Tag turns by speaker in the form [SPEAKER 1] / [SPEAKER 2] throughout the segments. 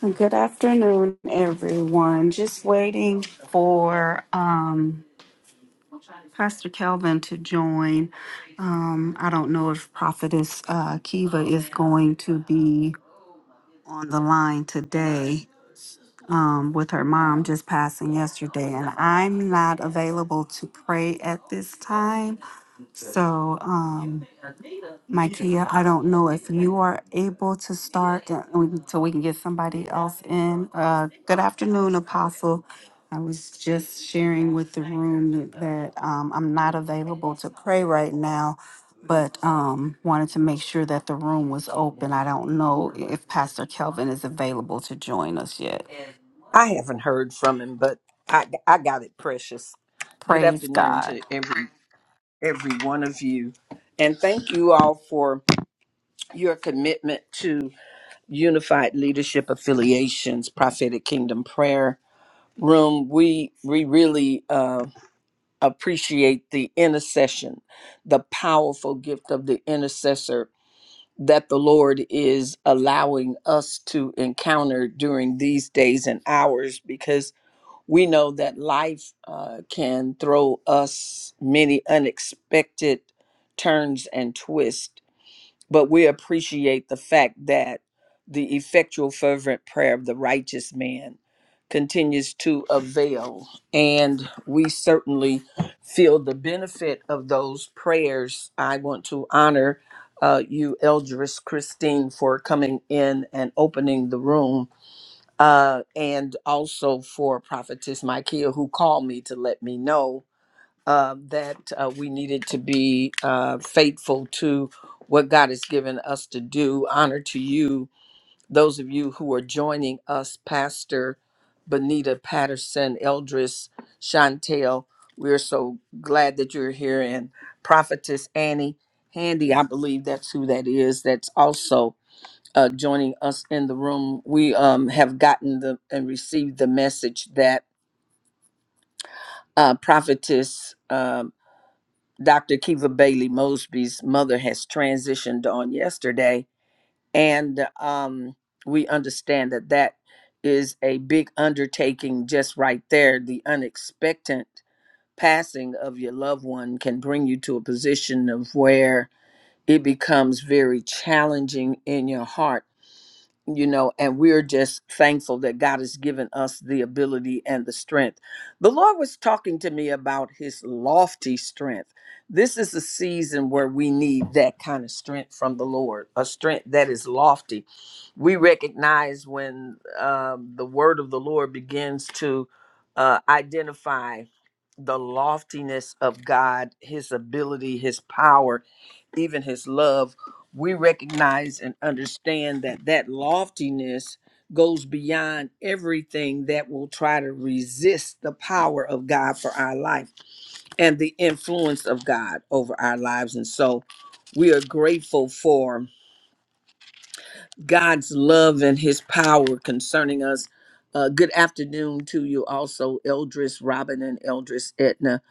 [SPEAKER 1] Good afternoon, everyone. Just waiting for um, Pastor Kelvin to join. Um, I don't know if Prophetess uh, Kiva is going to be on the line today um, with her mom just passing yesterday, and I'm not available to pray at this time. So, um, Mikea, I don't know if you are able to start uh, we can- so we can get somebody else in. Uh, good afternoon, Apostle. I was just sharing with the room that um, I'm not available to pray right now, but um, wanted to make sure that the room was open. I don't know if Pastor Kelvin is available to join us yet.
[SPEAKER 2] I haven't heard from him, but I I got it, precious. Good
[SPEAKER 1] Praise
[SPEAKER 2] afternoon to
[SPEAKER 1] God.
[SPEAKER 2] every every one of you, and thank you all for your commitment to Unified Leadership Affiliations Prophetic Kingdom Prayer Room. We we really uh, appreciate the intercession, the powerful gift of the intercessor that the Lord is allowing us to encounter during these days and hours, because we know that life uh, can throw us many unexpected turns and twists, but we appreciate the fact that the effectual, fervent prayer of the righteous man continues to avail. And we certainly feel the benefit of those prayers. I want to honor uh, you, Eldris Christine, for coming in and opening the room uh, and also for Prophetess Micaiah, who called me to let me know uh, that uh, we needed to be uh, faithful to what God has given us to do. Honor to you, those of you who are joining us, Pastor Benita Patterson, Eldris, Chantel. We're so glad that you're here, and Prophetess Annie Handy, I believe that's who that is, that's also uh, joining us in the room. We um, have gotten the and received the message that uh, prophetess um, Dr. Kiva Bailey Mosby's mother has transitioned on yesterday, and um, we understand that that is a big undertaking just right there. The unexpected passing of your loved one can bring you to a position of where it becomes very challenging in your heart you know, and we're just thankful that God has given us the ability and the strength. The Lord was talking to me about his lofty strength. This is a season where we need that kind of strength from the Lord, a strength that is lofty. We recognize when um, the word of the Lord begins to uh, identify the loftiness of God, his ability, his power, even his love we recognize and understand that that loftiness goes beyond everything that will try to resist the power of God for our life and the influence of God over our lives. And so we are grateful for God's love and his power concerning us. Uh, good afternoon to you also, Eldris Robin and Eldris Etna.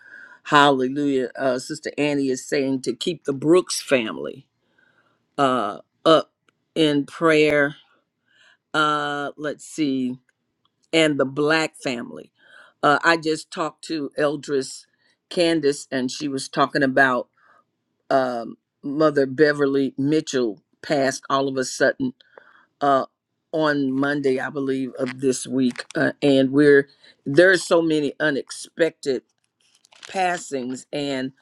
[SPEAKER 2] Hallelujah. Uh, Sister Annie is saying to keep the Brooks family uh, up in prayer uh let's see and the black family uh i just talked to eldris candace and she was talking about um mother beverly mitchell passed all of a sudden uh on monday i believe of this week uh, and we're there's so many unexpected passings and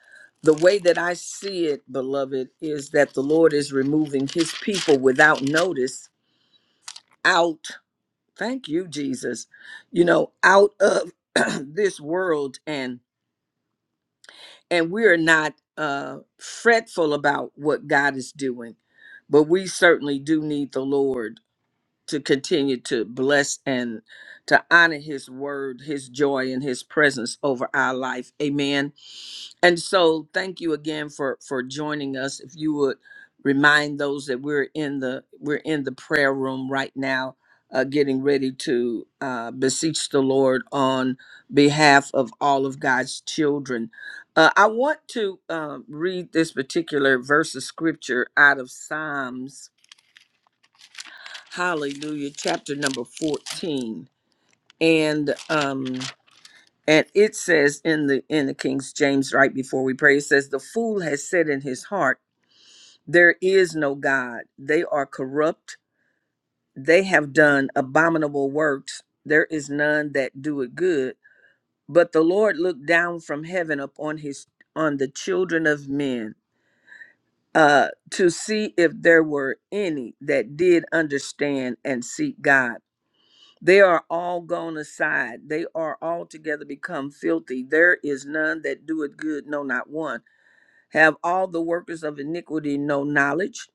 [SPEAKER 2] the way that i see it beloved is that the lord is removing his people without notice out Thank you, Jesus. You know, out of this world and and we are not uh fretful about what God is doing, but we certainly do need the Lord to continue to bless and to honor his word, his joy, and his presence over our life. Amen. And so, thank you again for for joining us. If you would remind those that we're in the we're in the prayer room right now, uh, getting ready to uh, beseech the Lord on behalf of all of God's children. Uh, I want to uh, read this particular verse of scripture out of Psalms, Hallelujah, chapter number fourteen, and. um, and it says in the in the King James right before we pray it says the fool has said in his heart there is no god they are corrupt they have done abominable works there is none that doeth good but the Lord looked down from heaven upon his on the children of men uh to see if there were any that did understand and seek God They are all gone aside. They are altogether become filthy. There is none that doeth good, no, not one. Have all the workers of iniquity no knowledge?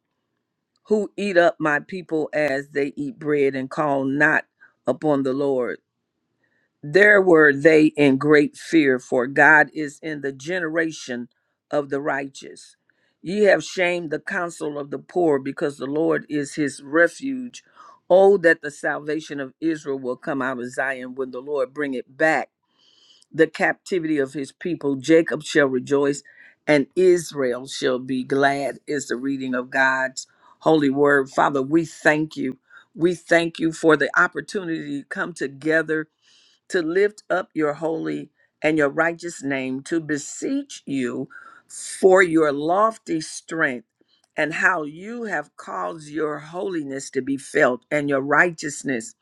[SPEAKER 2] Who eat up my people as they eat bread and call not upon the Lord? There were they in great fear, for God is in the generation of the righteous. Ye have shamed the counsel of the poor, because the Lord is his refuge. Oh, that the salvation of Israel will come out of Zion when the Lord bring it back. The captivity of his people, Jacob shall rejoice, and Israel shall be glad, is the reading of God's holy word. Father, we thank you. We thank you for the opportunity to come together to lift up your holy and your righteous name, to beseech you for your lofty strength and how you have caused your holiness to be felt and your righteousness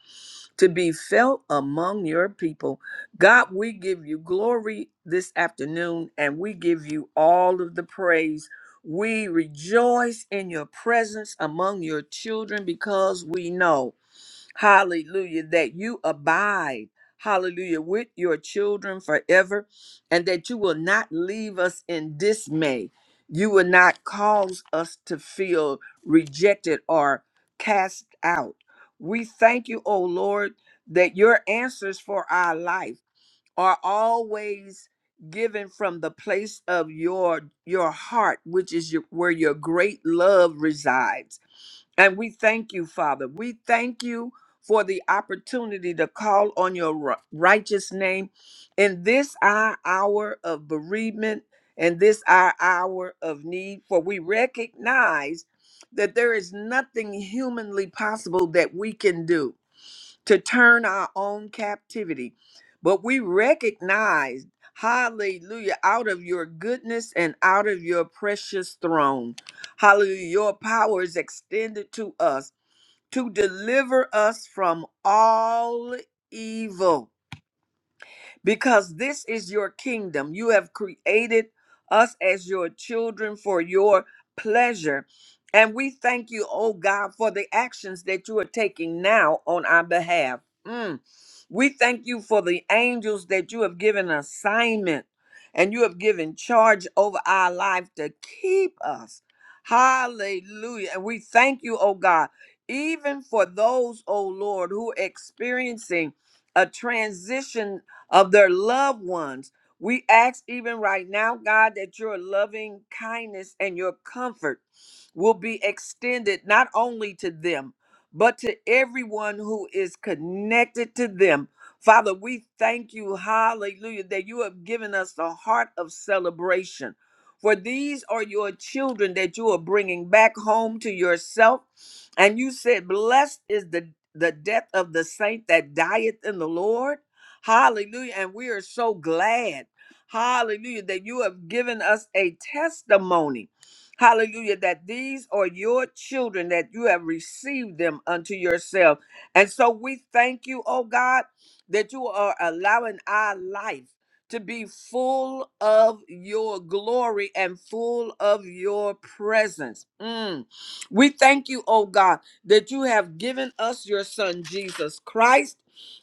[SPEAKER 2] to be felt among your people. God, we give you glory this afternoon and we give you all of the praise. We rejoice in your presence among your children because we know. Hallelujah. That you abide. Hallelujah. With your children forever and that you will not leave us in dismay. You will not cause us to feel rejected or cast out. We thank you, O Lord, that your answers for our life are always given from the place of your your heart which is your, where your great love resides and we thank you, Father. We thank you for the opportunity to call on your ri- righteous name in this our hour of bereavement and this our hour of need. For we recognize that there is nothing humanly possible that we can do to turn our own captivity. But we recognize, hallelujah, out of your goodness and out of your precious throne, hallelujah, your power is extended to us to deliver us from all evil. Because this is your kingdom. You have created us as your children for your pleasure. And we thank you, oh God, for the actions that you are taking now on our behalf. Mm. We thank you for the angels that you have given assignment and you have given charge over our life to keep us. Hallelujah. And we thank you, oh God, even for those, oh Lord, who are experiencing a transition of their loved ones. We ask even right now, God, that your loving kindness and your comfort will be extended not only to them, but to everyone who is connected to them. Father, we thank you, hallelujah, that you have given us the heart of celebration. For these are your children that you are bringing back home to yourself. And you said, Blessed is the, the death of the saint that dieth in the Lord. Hallelujah. And we are so glad, hallelujah, that you have given us a testimony. Hallelujah, that these are your children, that you have received them unto yourself. And so we thank you, oh God, that you are allowing our life to be full of your glory and full of your presence. Mm. We thank you, oh God, that you have given us your son, Jesus Christ,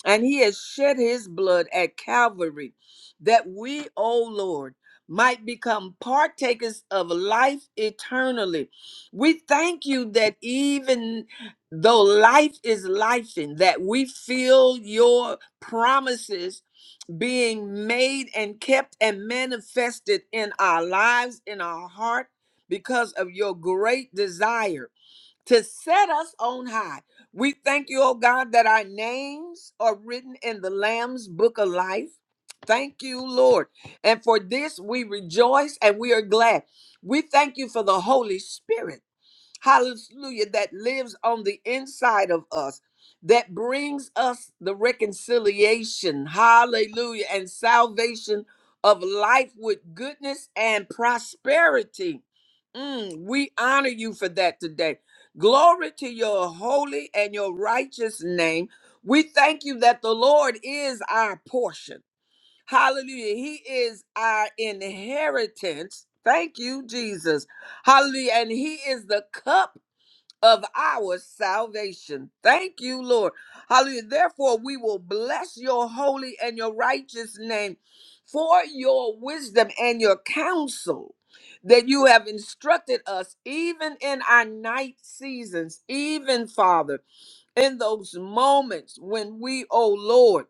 [SPEAKER 2] and he has shed his blood at Calvary, that we, oh Lord, might become partakers of life eternally. We thank you that even though life is life and that we feel your promises being made and kept and manifested in our lives, in our heart, because of your great desire to set us on high. We thank you, oh God, that our names are written in the Lamb's book of life. Thank you, Lord. And for this we rejoice and we are glad. We thank you for the Holy Spirit hallelujah, that lives on the inside of us, that brings us the reconciliation, hallelujah, and salvation of life with goodness and prosperity. Mm, we honor you for that today. Glory to your holy and your righteous name. We thank you that the Lord is our portion. Hallelujah. He is our inheritance. Thank you, Jesus. Hallelujah. And He is the cup of our salvation. Thank you, Lord. Hallelujah. Therefore, we will bless your holy and your righteous name for your wisdom and your counsel that you have instructed us, even in our night seasons, even, Father, in those moments when we, oh Lord,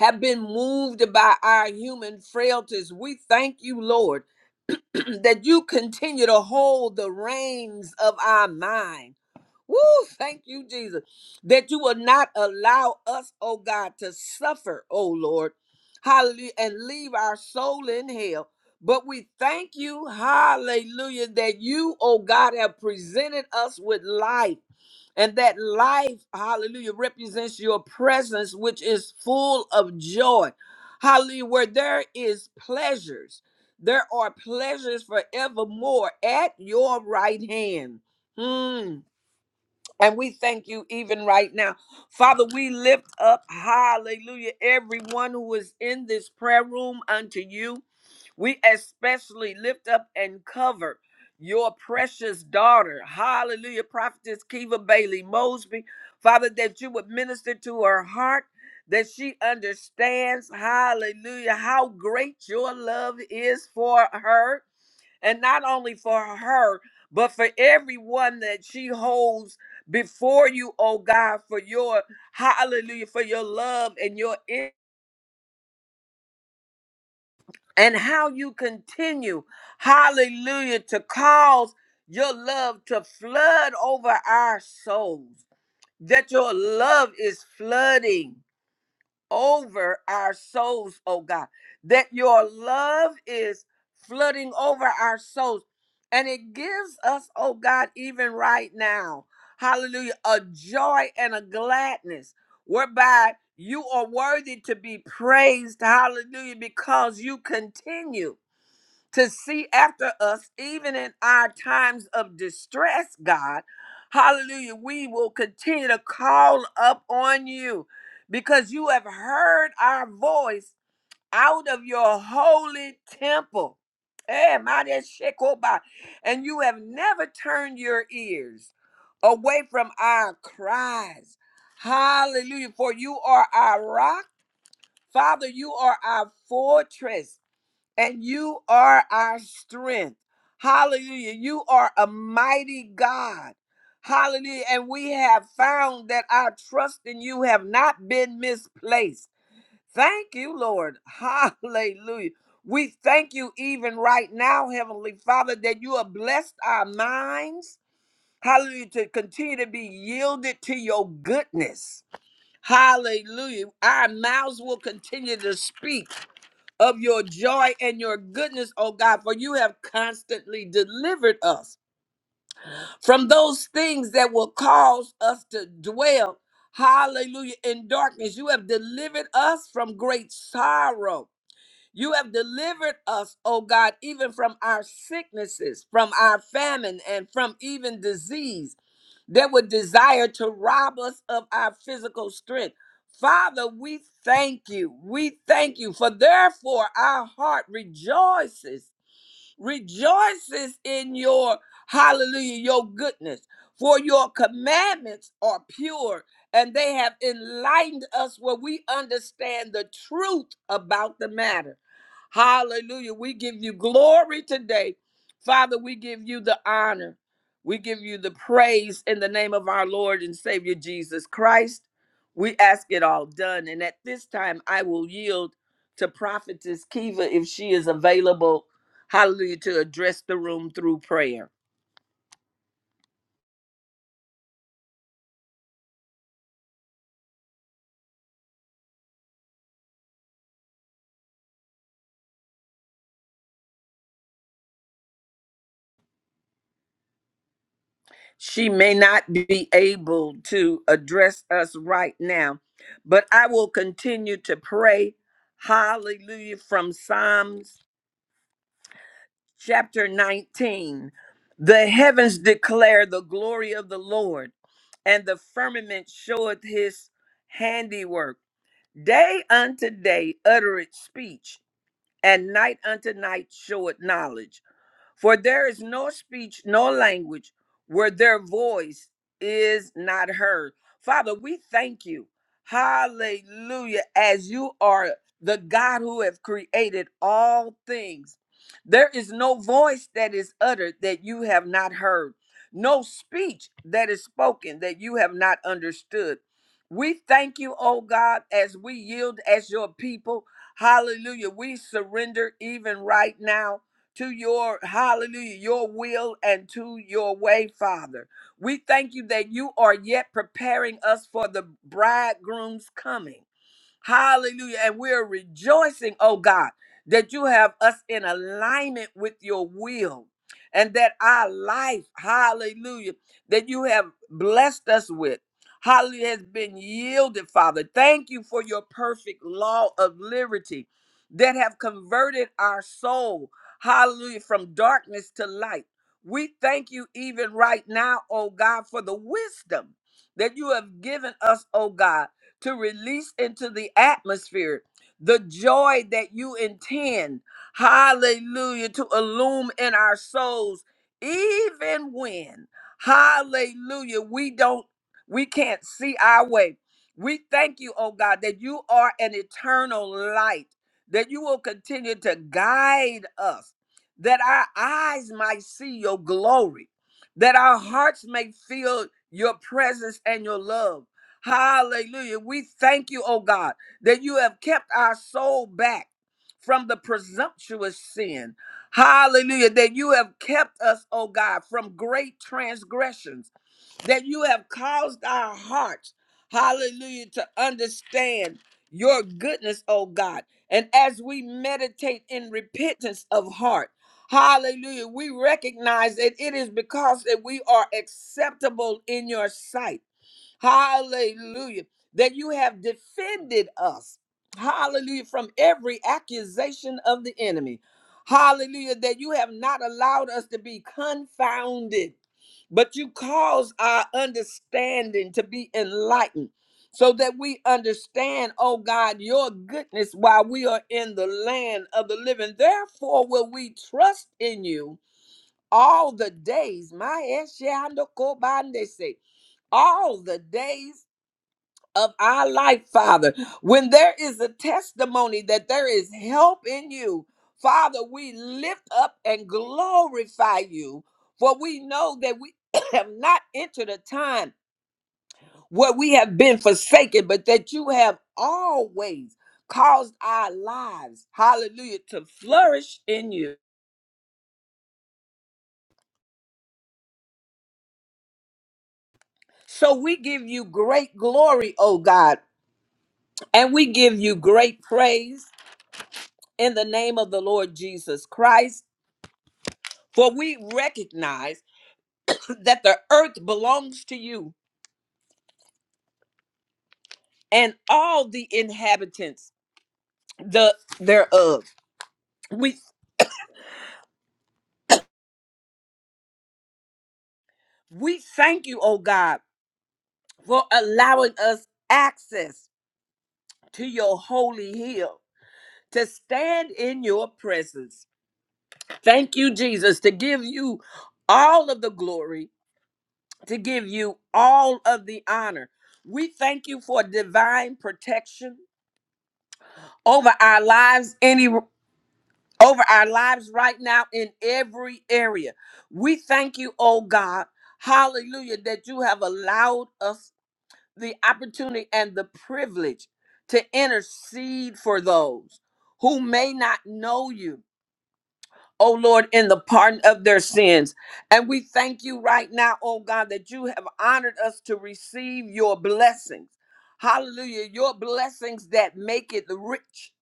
[SPEAKER 2] have been moved by our human frailties. We thank you, Lord, that you continue to hold the reins of our mind Woo, thank you, Jesus, that you will not allow us, oh God, to suffer, oh Lord, hallelujah, and leave our soul in hell. But we thank you, hallelujah, that you, oh God, have presented us with life, and that life, hallelujah, represents your presence, which is full of joy. Hallelujah, where there is pleasures, there are pleasures forevermore at your right hand. Hmm. And we thank you even right now. Father, we lift up, hallelujah, everyone who is in this prayer room unto you. We especially lift up and cover your precious daughter, hallelujah, prophetess Kiva Bailey Mosby. Father, that you would minister to her heart, that she understands, hallelujah, how great your love is for her and not only for her, but for everyone that she holds before you, oh God, for your hallelujah, for your love and your in- and how you continue, hallelujah, to cause your love to flood over our souls, that your love is flooding. over our souls, oh God. That your love is flooding over our souls. And it gives us, oh God, even right now, hallelujah, a joy and a gladness whereby you are worthy to be praised, hallelujah, because you continue to see after us, even in our times of distress, God. Hallelujah. We will continue to call up on you because you have heard our voice out of your holy temple. Eh, mighty Shekoba. And you have never turned your ears away from our cries. Hallelujah. For you are our rock. Father, you are our fortress and you are our strength. Hallelujah. You are a mighty God. Hallelujah. And we have found that our trust in you have not been misplaced. Thank you, Lord. Hallelujah. We thank you even right now, Heavenly Father, that you have blessed our minds. Hallelujah. To continue to be yielded to your goodness. Hallelujah. Our mouths will continue to speak of your joy and your goodness, O God, for you have constantly delivered us from those things that will cause us to dwell, hallelujah, in darkness. You have delivered us from great sorrow. You have delivered us, O God, even from our sicknesses, from our famine, and from even disease that would desire to rob us of our physical strength. Father, we thank you. We thank you for therefore our heart rejoices rejoices in your hallelujah, your goodness. For your commandments are pure, and they have enlightened us where we understand the truth about the matter. Hallelujah. We give you glory today. Father, we give you the honor. We give you the praise in the name of our Lord and Savior Jesus Christ. We ask it all done. And at this time, I will yield to Prophetess Kiva if she is available Hallelujah. To address the room through prayer. She may not be able to address us right now, but I will continue to pray. Hallelujah. From Psalms chapter 19. The heavens declare the glory of the Lord. and the firmament showeth his handiwork. Day unto day uttereth speech, and night unto night showeth knowledge. For there is no speech, no language where their voice is not heard. Father, we thank you. Hallelujah. As you are the God who have created all things, there is no voice that is uttered that you have not heard, no speech that is spoken that you have not understood. We thank you, oh God, as we yield as your people. Hallelujah. We surrender even right now to your hallelujah, your will and to your way, Father. We thank you that you are yet preparing us for the bridegroom's coming. Hallelujah. And we're rejoicing, oh God, that you have us in alignment with your will and that our life, hallelujah, that you have blessed us with. Hallelujah has been yielded, Father. Thank you for your perfect law of liberty that have converted our soul, hallelujah, from darkness to light. We thank you even right now, oh God, for the wisdom that you have given us, oh God to release into the atmosphere the joy that you intend, hallelujah, to illume in our souls, even when, hallelujah, we don't, we can't see our way. We thank you, oh God, that you are an eternal light, that you will continue to guide us, that our eyes might see your glory, that our hearts may feel your presence and your love Hallelujah. We thank you, oh God, that you have kept our soul back from the presumptuous sin. Hallelujah. That you have kept us, oh God, from great transgressions. That you have caused our hearts, hallelujah, to understand your goodness, oh God. And as we meditate in repentance of heart, Hallelujah. We recognize that it is because that we are acceptable in your sight. Hallelujah. That you have defended us. Hallelujah. From every accusation of the enemy. Hallelujah. That you have not allowed us to be confounded, but you cause our understanding to be enlightened so that we understand, oh God, your goodness while we are in the land of the living. Therefore, will we trust in you all the days. My Eshe Ando Kobande say all the days of our life, Father. When there is a testimony that there is help in you, Father, we lift up and glorify you, for we know that we have not entered a time where we have been forsaken, but that you have always caused our lives, hallelujah, to flourish in you. So we give you great glory, oh God, and we give you great praise in the name of the Lord Jesus Christ. For we recognize that the earth belongs to you and all the inhabitants the thereof. We we thank you, O God, for allowing us access to your holy hill to stand in your presence. Thank you, Jesus, to give you all of the glory, to give you all of the honor. We thank you for divine protection over our lives Any. over our lives right now in every area. We thank you, oh God, hallelujah, that you have allowed us the opportunity and the privilege to intercede for those who may not know you. Oh Lord, in the pardon of their sins. And we thank you right now, oh God, that you have honored us to receive your blessings. Hallelujah. Your blessings that make it rich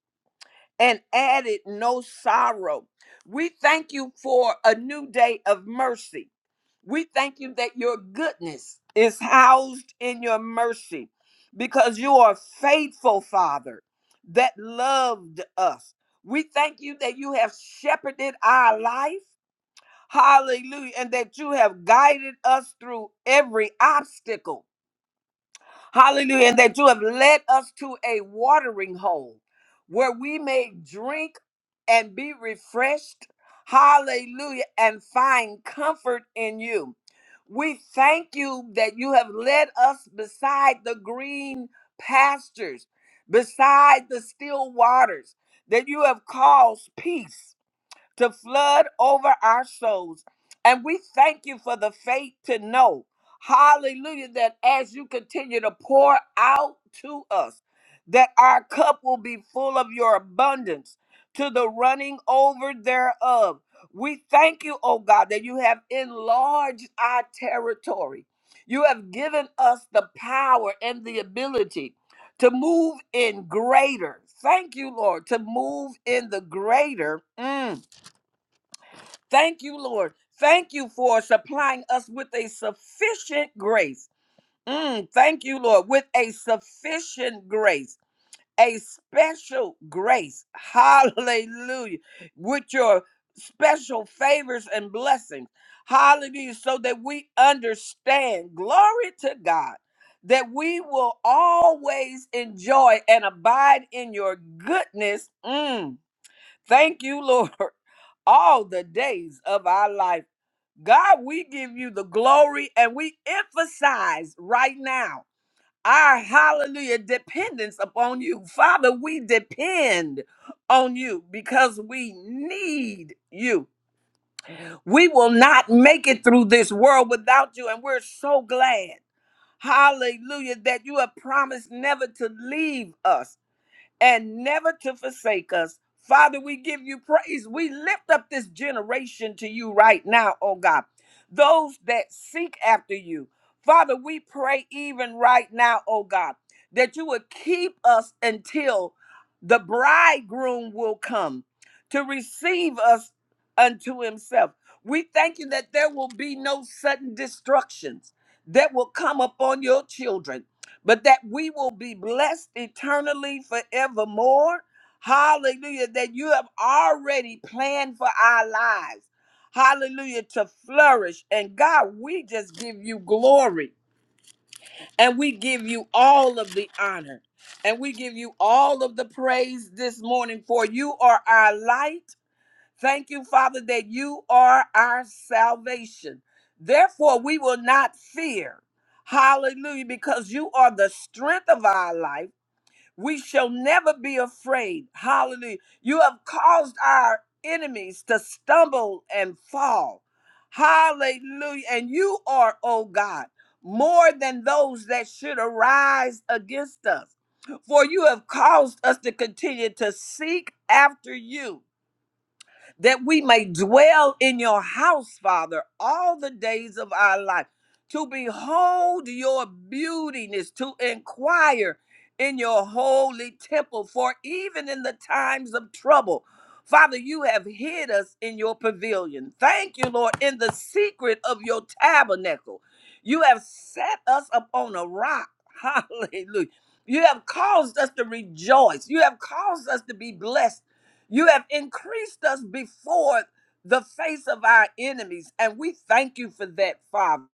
[SPEAKER 2] and added no sorrow. We thank you for a new day of mercy. We thank you that your goodness is housed in your mercy because you are faithful, Father, that loved us. We thank you that you have shepherded our life. Hallelujah. And that you have guided us through every obstacle. Hallelujah. And that you have led us to a watering hole where we may drink and be refreshed. Hallelujah. And find comfort in you. We thank you that you have led us beside the green pastures, beside the still waters, that you have caused peace to flood over our souls. And we thank you for the faith to know, hallelujah, that as you continue to pour out to us, that our cup will be full of your abundance to the running over thereof. We thank you, oh God, that you have enlarged our territory. You have given us the power and the ability to move in greater. Thank you, Lord, to move in the greater. Mm Thank you, Lord. Thank you for supplying us with a sufficient grace. Mm, thank you, Lord, with a sufficient grace, a special grace. Hallelujah. With your special favors and blessings. Hallelujah. So that we understand, glory to God, that we will always enjoy and abide in your goodness. Mm, thank you, Lord all the days of our life. God, we give you the glory and we emphasize right now our hallelujah dependence upon you. Father, we depend on you because we need you. We will not make it through this world without you, and we're so glad. Hallelujah, that you have promised never to leave us and never to forsake us. Father, we give you praise. We lift up this generation to you right now, oh God. Those that seek after you. Father, we pray even right now, oh God, that you would keep us until the bridegroom will come to receive us unto himself. We thank you that there will be no sudden destructions that will come upon your children but that we will be blessed eternally forevermore. Hallelujah. That you have already planned for our lives. Hallelujah. To flourish. And God, we just give you glory and we give you all of the honor and we give you all of the praise this morning for you are our light Thank you, Father, that you are our salvation. Therefore, we will not fear. Hallelujah, because you are the strength of our life. We shall never be afraid. Hallelujah. You have caused our enemies to stumble and fall. Hallelujah. And you are, oh God, more than those that should arise against us. For you have caused us to continue to seek after you that we may dwell in your house, Father, all the days of our life, to behold your beautiness, to inquire in your holy temple, for even in the times of trouble, Father, you have hid us in your pavilion. Thank you, Lord, in the secret of your tabernacle. You have set us upon a rock. Hallelujah. You have caused us to rejoice. You have caused us to be blessed. You have increased us before the face of our enemies, and we thank you for that, Father.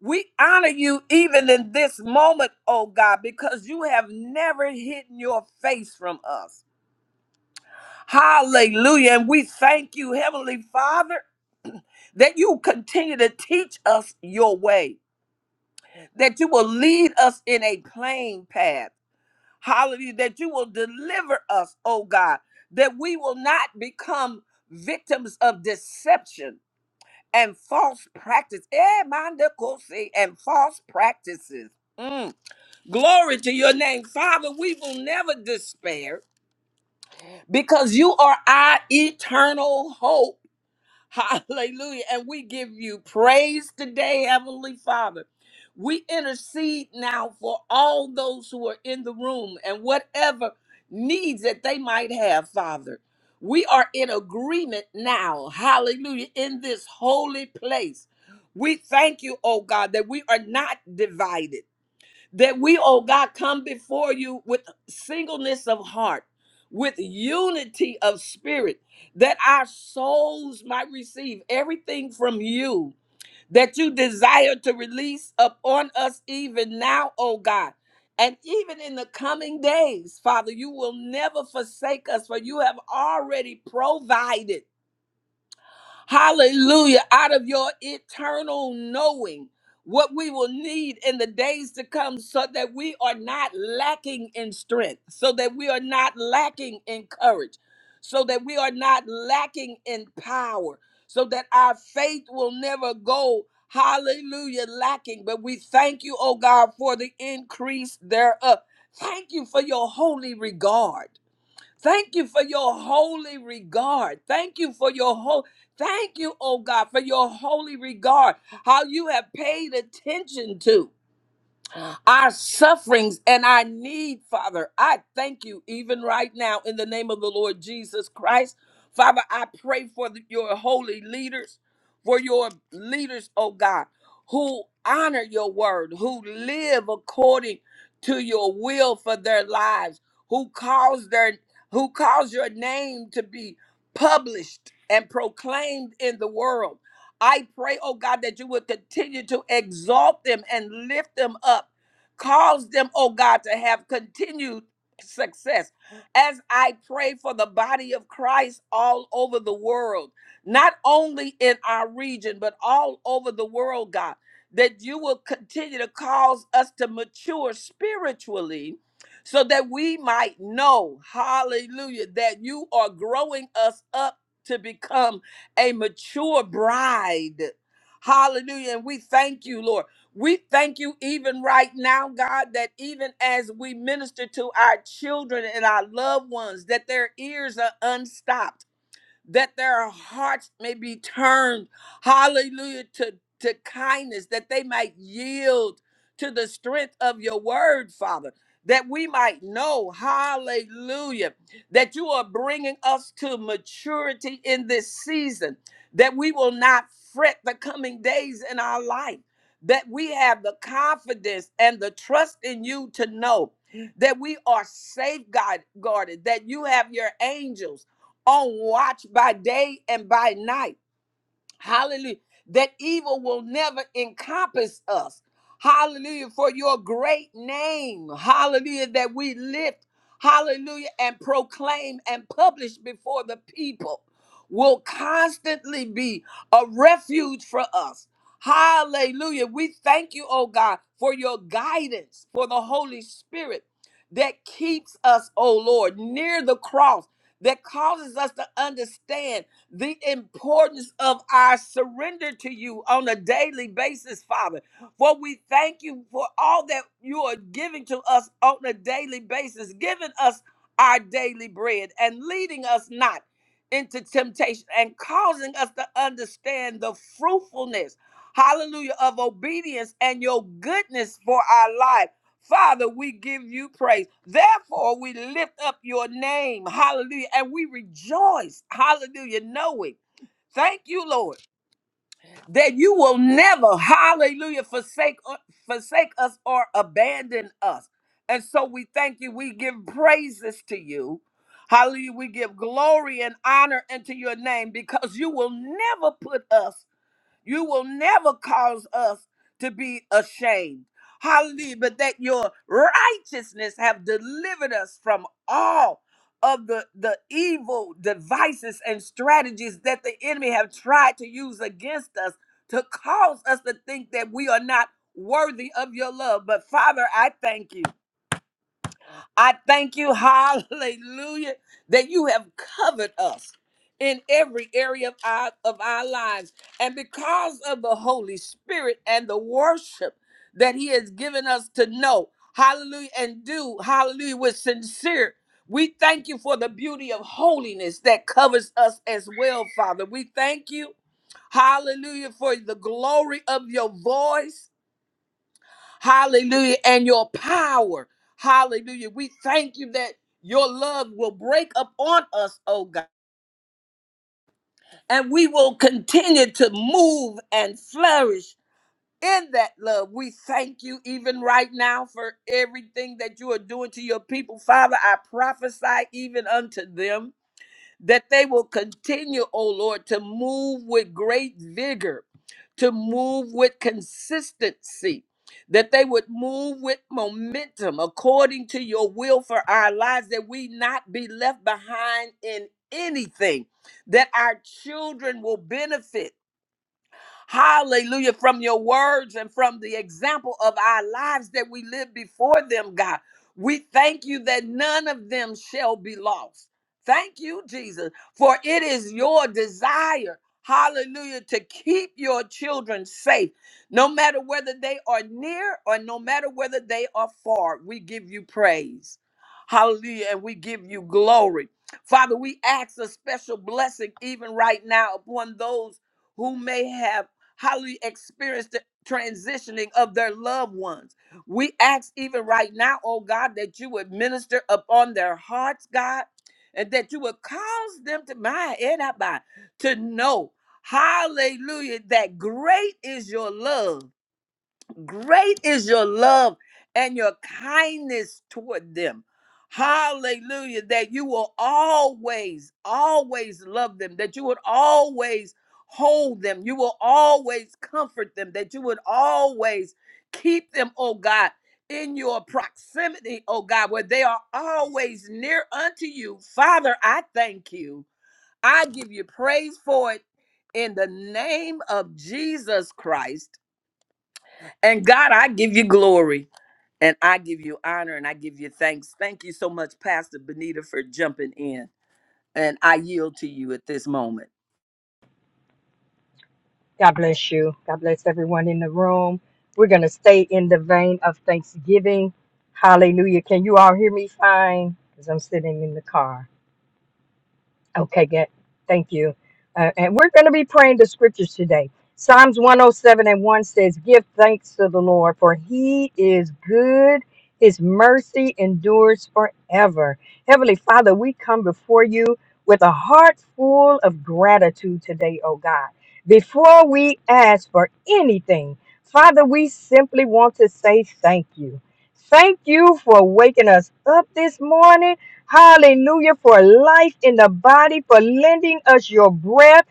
[SPEAKER 2] We honor you even in this moment, oh God, because you have never hidden your face from us. Hallelujah. And we thank you, Heavenly Father, that you continue to teach us your way, that you will lead us in a plain path Hallelujah. That you will deliver us, oh God, that we will not become victims of deception and false practice. Eh, manda kose, And false practices. Mm. Glory to your name, Father. We will never despair because you are our eternal hope. Hallelujah. And we give you praise today, Heavenly Father. We intercede now for all those who are in the room and whatever needs that they might have, Father. We are in agreement now. Hallelujah. In this holy place. We thank you, oh God, that we are not divided that we, oh God, come before you with singleness of heart, with unity of spirit, that our souls might receive everything from you that you desire to release upon us even now, oh God. And even in the coming days, Father, you will never forsake us, for you have already provided. Hallelujah. Out of your eternal knowing what we will need in the days to come so that we are not lacking in strength, so that we are not lacking in courage, so that we are not lacking in power, so that our faith will never go. Hallelujah, lacking. But we thank you, oh God, for the increase thereof. Thank you for your holy regard. Thank you for your holy regard. Thank you for your whole. Thank you, oh God, for your holy regard. How you have paid attention to. our sufferings and our need, Father. I thank you even right now in the name of the Lord Jesus Christ. Father, I pray for the- your holy leaders, for your leaders, oh God, who honor your word, who live according to your will for their lives, who cause their who cause your name to be published and proclaimed in the world. I pray, oh God, that you would continue to exalt them and lift them up. Cause them, oh God, to have continued success. As I pray for the body of Christ all over the world, not only in our region, but all over the world, God, that you will continue to cause us to mature spiritually so that we might know, hallelujah, that you are growing us up to become a mature bride. Hallelujah. And we thank you, Lord. We thank you even right now, God, that even as we minister to our children and our loved ones, that their ears are unstopped that their hearts may be turned, hallelujah, to, to kindness, that they might yield to the strength of your word, Father, that we might know, hallelujah, that you are bringing us to maturity in this season, that we will not fret the coming days in our life, that we have the confidence and the trust in you to know that we are safeguarded, guarded, that you have your angels on watch by day and by night Hallelujah. That evil will never encompass us. Hallelujah. For your great name. Hallelujah. That we lift. Hallelujah. And proclaim and publish before the people will constantly be a refuge for us. Hallelujah. We thank you, oh God, for your guidance, for the Holy Spirit that keeps us, oh Lord, near the cross, that causes us to understand the importance of our surrender to you on a daily basis, Father. For we thank you for all that you are giving to us on a daily basis, giving us our daily bread and leading us not into temptation and causing us to understand the fruitfulness, hallelujah, of obedience and your goodness for our lives. Father, we give you praise. Therefore, we lift up your name. Hallelujah. And we rejoice. Hallelujah. Knowing. Thank you, Lord, that you will never, hallelujah, forsake, uh, forsake us or abandon us. And so we thank you. We give praises to you. Hallelujah. We give glory and honor unto your name because you will never put us you will never cause us to be ashamed. Hallelujah. But that your righteousness have delivered us from all of the, the evil devices and strategies that the enemy have tried to use against us to cause us to think that we are not worthy of your love. But Father, I thank you. I thank you, hallelujah, that you have covered us in every area of our, of our lives. And because of the Holy Spirit and the worship that He has given us to know, hallelujah, and do, hallelujah, with sincere. We thank you for the beauty of holiness that covers us as well, Father. We thank you, hallelujah, for the glory of your voice Hallelujah. And your power. Hallelujah. We thank you that your love will break upon us, oh God. And we will continue to move and flourish in that love. We thank you even right now for everything that you are doing to your people. Father, I prophesy even unto them that they will continue, O Lord, to move with great vigor, to move with consistency, that they would move with momentum according to your will for our lives, that we not be left behind in anything, that our children will benefit Hallelujah. From your words and from the example of our lives that we live before them, God. We thank you that none of them shall be lost. Thank you, Jesus, for it is your desire, hallelujah, to keep your children safe, no matter whether they are near or no matter whether they are far. We give you praise. Hallelujah. And we give you glory. Father, we ask a special blessing even right now upon those who may have highly experienced the transitioning of their loved ones. We ask even right now, oh God, that you would minister upon their hearts, God, and that you would cause them to my head to know, hallelujah, that great is your love. Great is your love and your kindness toward them. Hallelujah. That you will always, always love them, that you would always hold them, you will always comfort them, that you would always keep them, oh God, in your proximity, oh God, where they are always near unto you. Father, I thank you. I give you praise for it in the name of Jesus Christ. And God, I give you glory and I give you honor and I give you thanks. Thank you so much, Pastor Benita, for jumping in. And I yield to you at this moment.
[SPEAKER 3] God bless you. God bless everyone in the room. We're going to stay in the vein of Thanksgiving. Hallelujah. Can you all hear me fine? Because I'm sitting in the car. Okay, good. Thank you. Uh, and we're going to be praying the scriptures today. Psalms 107 and 1 says, Give thanks to the Lord, for he is good. His mercy endures forever. Heavenly Father, we come before you with a heart full of gratitude today, oh God. Before we ask for anything, Father, we simply want to say thank you. Thank you for waking us up this morning. Hallelujah for life in the body, for lending us your breath.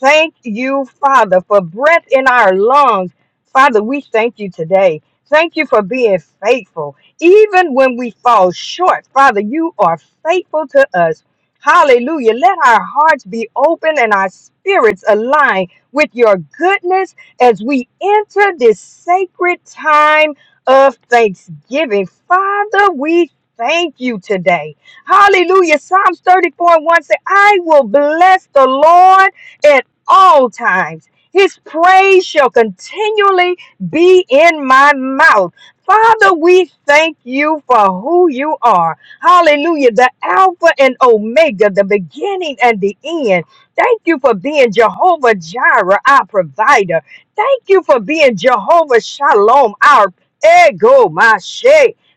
[SPEAKER 3] Thank you, Father, for breath in our lungs. Father, we thank you today. Thank you for being faithful. Even when we fall short, Father, you are faithful to us. Hallelujah. Let our hearts be open and our spirits align with your goodness as we enter this sacred time of thanksgiving. Father, we thank you today. Hallelujah. Psalms 34 and 1 says, I will bless the Lord at all times. His praise shall continually be in my mouth. Father, we thank you for who you are. Hallelujah. The Alpha and Omega, the beginning and the end. Thank you for being Jehovah Jireh, our provider. Thank you for being Jehovah Shalom, our ego, my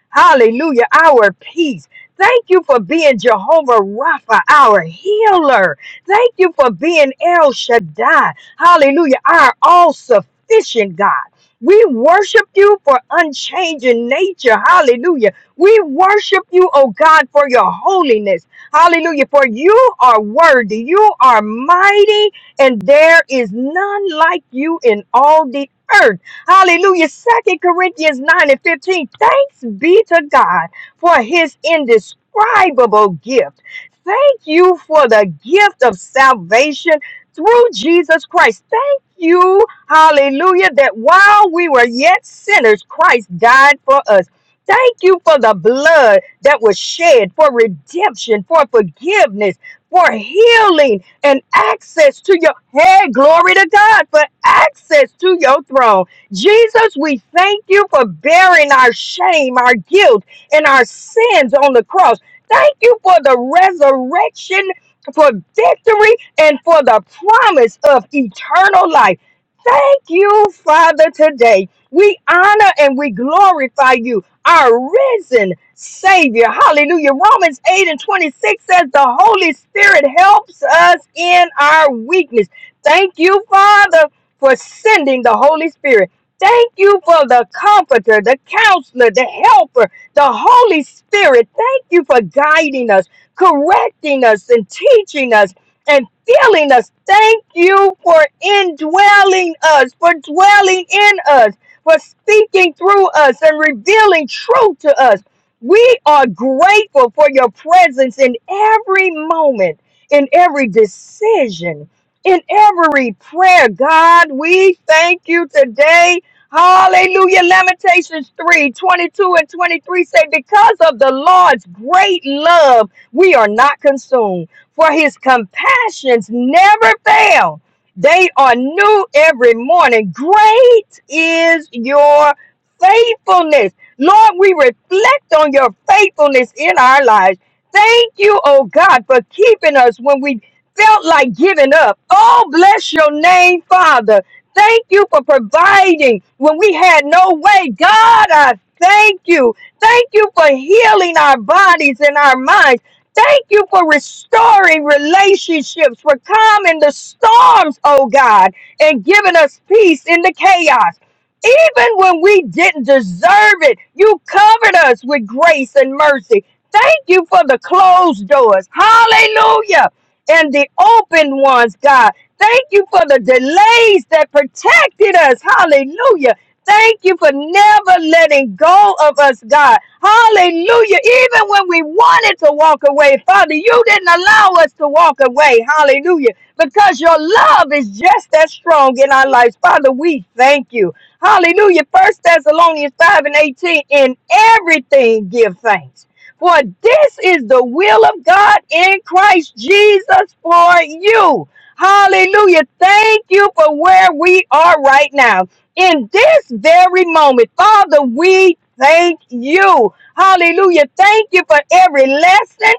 [SPEAKER 3] Hallelujah, our peace. Thank you for being Jehovah Rapha, our healer. Thank you for being El Shaddai. Hallelujah, our all sufficient God. We worship you for unchanging nature. Hallelujah. We worship you, oh God, for your holiness. Hallelujah. For you are worthy. You are mighty, and there is none like you in all the earth. Hallelujah. Second Corinthians 9 and 15. Thanks be to God for his indescribable gift. Thank you for the gift of salvation through Jesus Christ. Thank you, hallelujah, that while we were yet sinners, Christ died for us. Thank you for the blood that was shed for redemption, for forgiveness, for healing and access to your head. Glory to God for access to your throne. Jesus, we thank you for bearing our shame, our guilt, and our sins on the cross. Thank you for the resurrection, for victory, and for the promise of eternal life. Thank you, Father, today. We honor and we glorify you, our risen Savior. Hallelujah. Romans 8 and 26 says the Holy Spirit helps us in our weakness. Thank you, Father, for sending the Holy Spirit. Thank you for the comforter, the counselor, the helper. The Holy Spirit, thank you for guiding us, correcting us, and teaching us and filling us. Thank you for indwelling us, for dwelling in us, for speaking through us and revealing truth to us. We are grateful for your presence in every moment, in every decision, in every prayer. God, we thank you today Hallelujah. Lamentations 3 22 and 23 say, Because of the Lord's great love, we are not consumed, for his compassions never fail. They are new every morning. Great is your faithfulness. Lord, we reflect on your faithfulness in our lives. Thank you, oh God, for keeping us when we felt like giving up. Oh, bless your name, Father. Thank you for providing when we had no way. God, I thank you. Thank you for healing our bodies and our minds. Thank you for restoring relationships, for calming the storms, oh God, and giving us peace in the chaos. Even when we didn't deserve it, you covered us with grace and mercy. Thank you for the closed doors. Hallelujah. And the open ones, God. Thank you for the delays that protected us. Hallelujah. Thank you for never letting go of us, God. Hallelujah. Even when we wanted to walk away, Father, you didn't allow us to walk away. Hallelujah. Because your love is just as strong in our lives. Father, we thank you. Hallelujah. First Thessalonians 5 and 18. In everything give thanks. For this is the will of God in Christ Jesus for you. Hallelujah. Thank you for where we are right now. In this very moment, Father, we thank you. Hallelujah. Thank you for every lesson.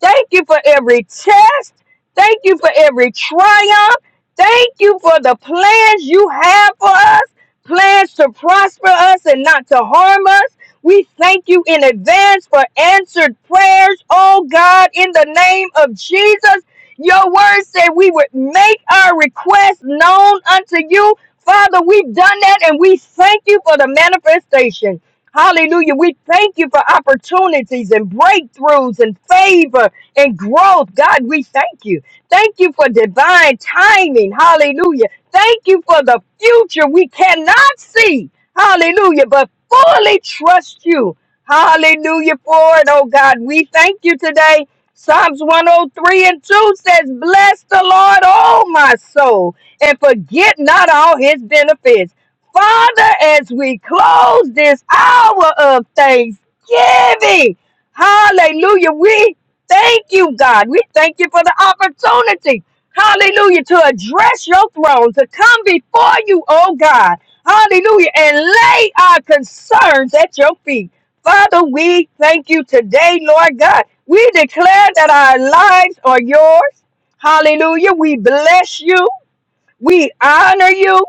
[SPEAKER 3] Thank you for every test. Thank you for every triumph. Thank you for the plans you have for us, plans to prosper us and not to harm us. We thank you in advance for answered prayers, oh God, in the name of Jesus. Your word said we would make our request known unto you. Father, we've done that and we thank you for the manifestation. Hallelujah. We thank you for opportunities and breakthroughs and favor and growth. God, we thank you. Thank you for divine timing. Hallelujah. Thank you for the future we cannot see. Hallelujah. But fully trust you. Hallelujah for it. Oh God, we thank you today. Psalms 103 and 2 says, Bless the Lord, O my soul, and forget not all his benefits. Father, as we close this hour of thanksgiving, hallelujah, we thank you, God. We thank you for the opportunity, hallelujah, to address your throne, to come before you, oh God, hallelujah, and lay our concerns at your feet. Father, we thank you today, Lord God. We declare that our lives are yours. Hallelujah. We bless you. We honor you.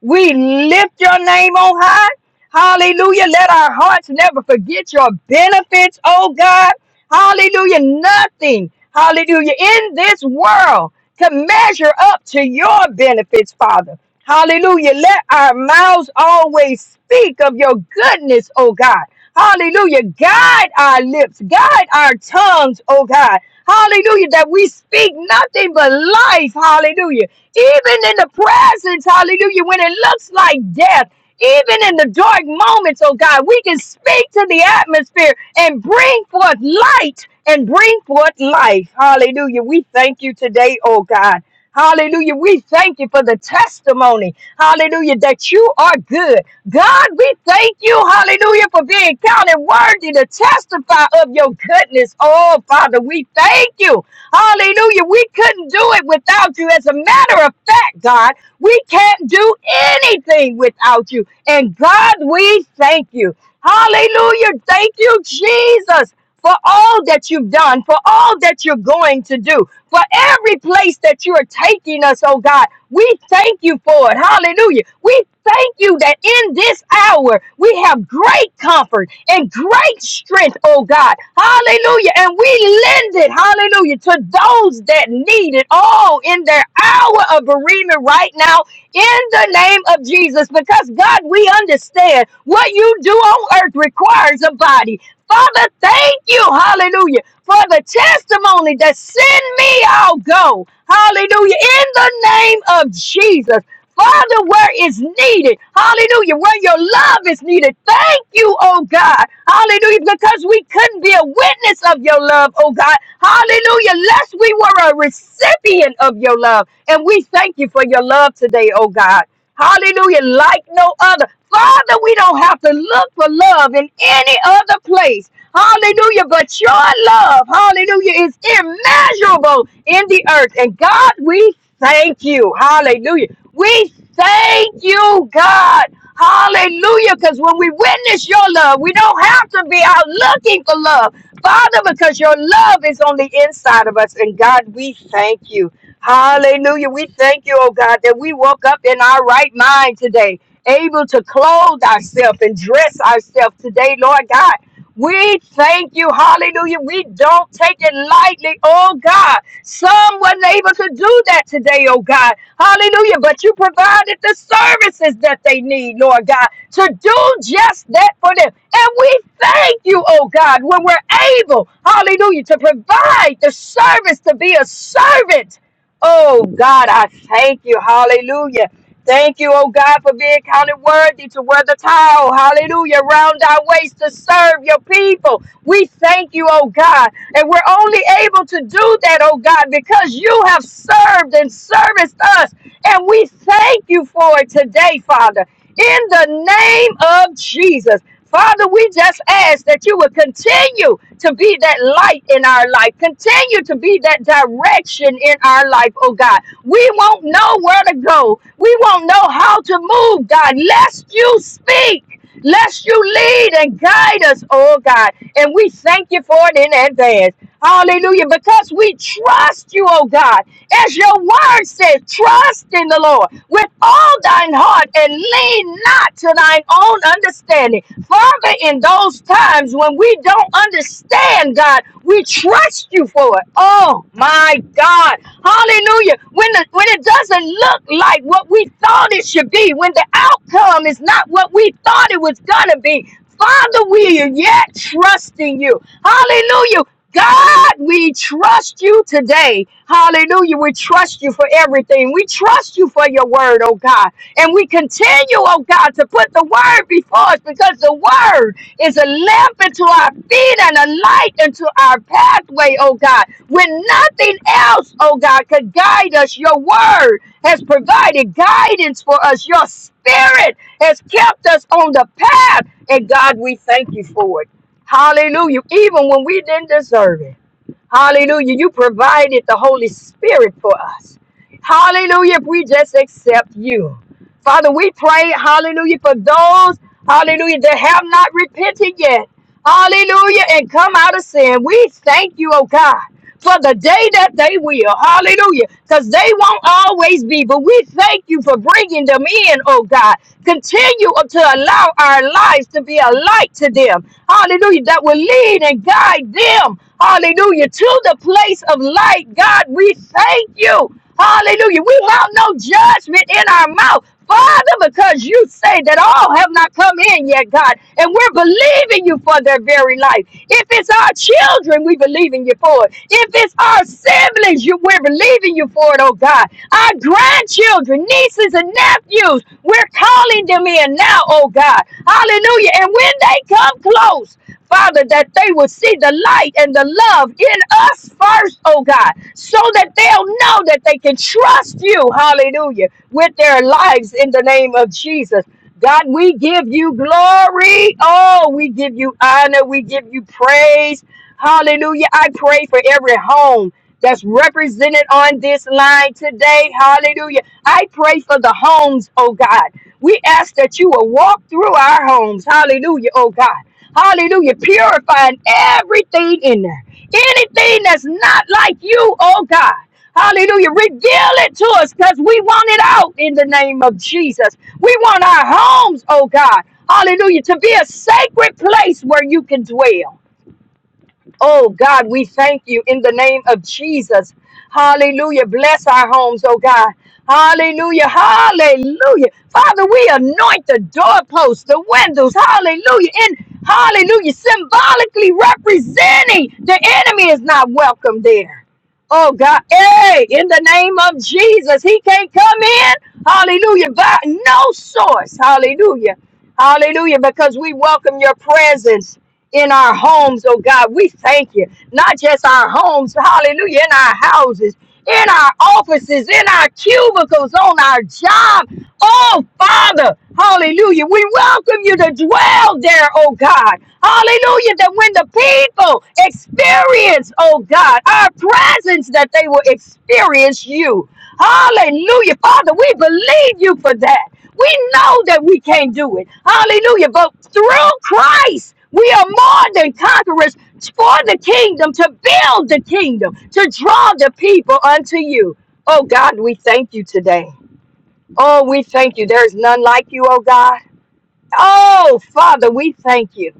[SPEAKER 3] We lift your name on high. Hallelujah. Let our hearts never forget your benefits, oh God. Hallelujah. Nothing, hallelujah, in this world can measure up to your benefits, Father. Hallelujah. Let our mouths always speak of your goodness, oh God. Hallelujah. Guide our lips, guide our tongues, oh God. Hallelujah. That we speak nothing but life. Hallelujah. Even in the presence. Hallelujah. When it looks like death. Even in the dark moments, oh God, we can speak to the atmosphere and bring forth light and bring forth life. Hallelujah. We thank you today, oh God. Hallelujah. We thank you for the testimony. Hallelujah. That you are good. God, we thank you. Hallelujah. For being counted worthy to testify of your goodness. Oh, Father, we thank you. Hallelujah. We couldn't do it without you. As a matter of fact, God, we can't do anything without you. And God, we thank you. Hallelujah. Thank you, Jesus for all that you've done, for all that you're going to do for every place that you are taking us, oh God. We thank you for it. Hallelujah. We thank you that in this hour we have great comfort and great strength, oh God. Hallelujah. And we lend it, hallelujah, to those that need it all in their hour of bereavement right now in the name of Jesus. Because, God, we understand what you do on earth requires a body. Father, thank you, hallelujah for the testimony that send me, I'll go. Hallelujah. In the name of Jesus. Father, where it's needed. Hallelujah. Where your love is needed. Thank you, oh God. Hallelujah. Because we couldn't be a witness of your love, oh God. Hallelujah. Lest we were a recipient of your love. And we thank you for your love today, oh God. Hallelujah. Like no other. Father, we don't have to look for love in any other place. Hallelujah. But your love, hallelujah, is immeasurable in the earth. And God, we thank you. Hallelujah. We thank you, God. Hallelujah. Because when we witness your love, we don't have to be out looking for love. Father, because your love is on the inside of us. And God, we thank you. Hallelujah. We thank you, oh God, that we woke up in our right mind today, able to clothe ourselves and dress ourselves today, Lord God. We thank you, hallelujah. We don't take it lightly, oh God. Some wasn't able to do that today, oh God. Hallelujah. But you provided the services that they need, Lord God, to do just that for them. And we thank you, oh God, when we're able, hallelujah, to provide the service to be a servant. Oh God, I thank you, hallelujah. Thank you, oh God, for being counted worthy to wear the towel. Hallelujah. Round our waist to serve your people. We thank you, oh God. And we're only able to do that, oh God, because you have served and serviced us. And we thank you for it today, Father, in the name of Jesus. Father, we just ask that you would continue to be that light in our life, continue to be that direction in our life, oh God. We won't know where to go, we won't know how to move, God, lest you speak. Lest you lead and guide us, oh God. And we thank you for it in advance. Hallelujah. Because we trust you, oh God. As your word says, trust in the Lord with all thine heart and lean not to thine own understanding. Father, in those times when we don't understand, God, we trust you for it. Oh my God. Hallelujah. When the when it doesn't look like what we thought it should be, when the outcome is not what we thought it was gonna be, Father, we are yet trusting you. Hallelujah. God, we trust you today. Hallelujah. We trust you for everything. We trust you for your word, oh God. And we continue, oh God, to put the word before us because the word is a lamp unto our feet and a light unto our pathway, oh God. When nothing else, oh God, could guide us, your word has provided guidance for us. Your spirit has kept us on the path. And God, we thank you for it. Hallelujah. Even when we didn't deserve it. Hallelujah. You provided the Holy Spirit for us. Hallelujah. If we just accept you. Father, we pray, hallelujah, for those, hallelujah, that have not repented yet. Hallelujah, and come out of sin. We thank you, oh God for the day that they will. Hallelujah. Because they won't always be. But we thank you for bringing them in, oh God. Continue to allow our lives to be a light to them. Hallelujah. That will lead and guide them. Hallelujah. To the place of light. God, we thank you. Hallelujah. We have no judgment in our mouth Father, because you say that all have not come in yet, God, and we're believing you for their very life. If it's our children, we believe in you for it. If it's our siblings, you, we're believing you for it, oh God. Our grandchildren, nieces, and nephews, we're calling them in now, oh God. Hallelujah. Hallelujah. And when they come close, Father, that they will see the light and the love in us first, oh God, so that they'll know that they can trust you, hallelujah, with their lives in the name of Jesus. God, we give you glory. Oh, we give you honor. We give you praise. Hallelujah. I pray for every home that's represented on this line today. Hallelujah. I pray for the homes, oh God. We ask that you will walk through our homes. Hallelujah, oh God. Hallelujah, purifying everything in there. Anything that's not like you, oh God. Hallelujah. Reveal it to us because we want it out in the name of Jesus. We want our homes, oh God. Hallelujah. To be a sacred place where you can dwell. Oh God, we thank you in the name of Jesus. Hallelujah. Bless our homes, oh God. Hallelujah. Hallelujah. Father, we anoint the doorposts, the windows. Hallelujah. In hallelujah, symbolically representing the enemy is not welcome there. Oh God, hey, in the name of Jesus, he can't come in. Hallelujah. By no source. Hallelujah. Hallelujah. Because we welcome your presence in our homes, oh God. We thank you. Not just our homes, hallelujah, in our houses, in our offices, in our cubicles, on our job. Oh, Father, hallelujah. We welcome you to dwell there, oh God. Hallelujah, that when the people experience, oh God, our presence, that they will experience you. Hallelujah. Father, we believe you for that. We know that we can't do it. Hallelujah. But through Christ, we are more than conquerors for the kingdom, to build the kingdom, to draw the people unto you. Oh God, we thank you today. Oh, we thank you. There is none like you, oh God. Oh, Father, we thank you.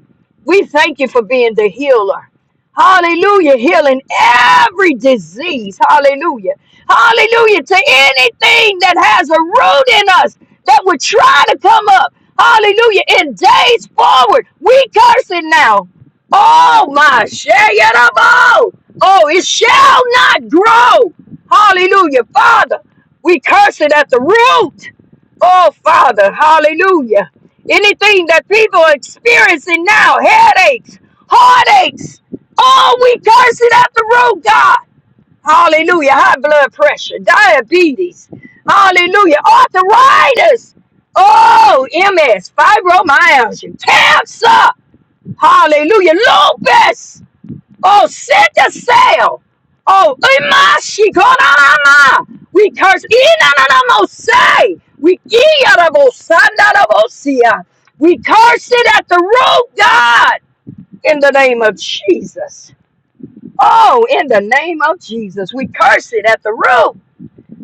[SPEAKER 3] We thank you for being the healer. Hallelujah. Healing every disease. Hallelujah. Hallelujah. To anything that has a root in us that would try to come up. Hallelujah. In days forward, we curse it now. Oh, my. Shayarabo. Oh, it shall not grow. Hallelujah. Father, we curse it at the root. Oh, Father, hallelujah. Anything that people are experiencing now, headaches, heartaches, oh, we curse it at the root, God. Hallelujah. High blood pressure, diabetes, hallelujah, arthritis, oh, MS, fibromyalgia, cancer, hallelujah, lupus. Oh, set the sail. Oh, imashi konanama. We curse inanamose. We iyanabosandanabosia. We curse it at the root, God, in the name of Jesus. Oh, in the name of Jesus, we curse it at the root.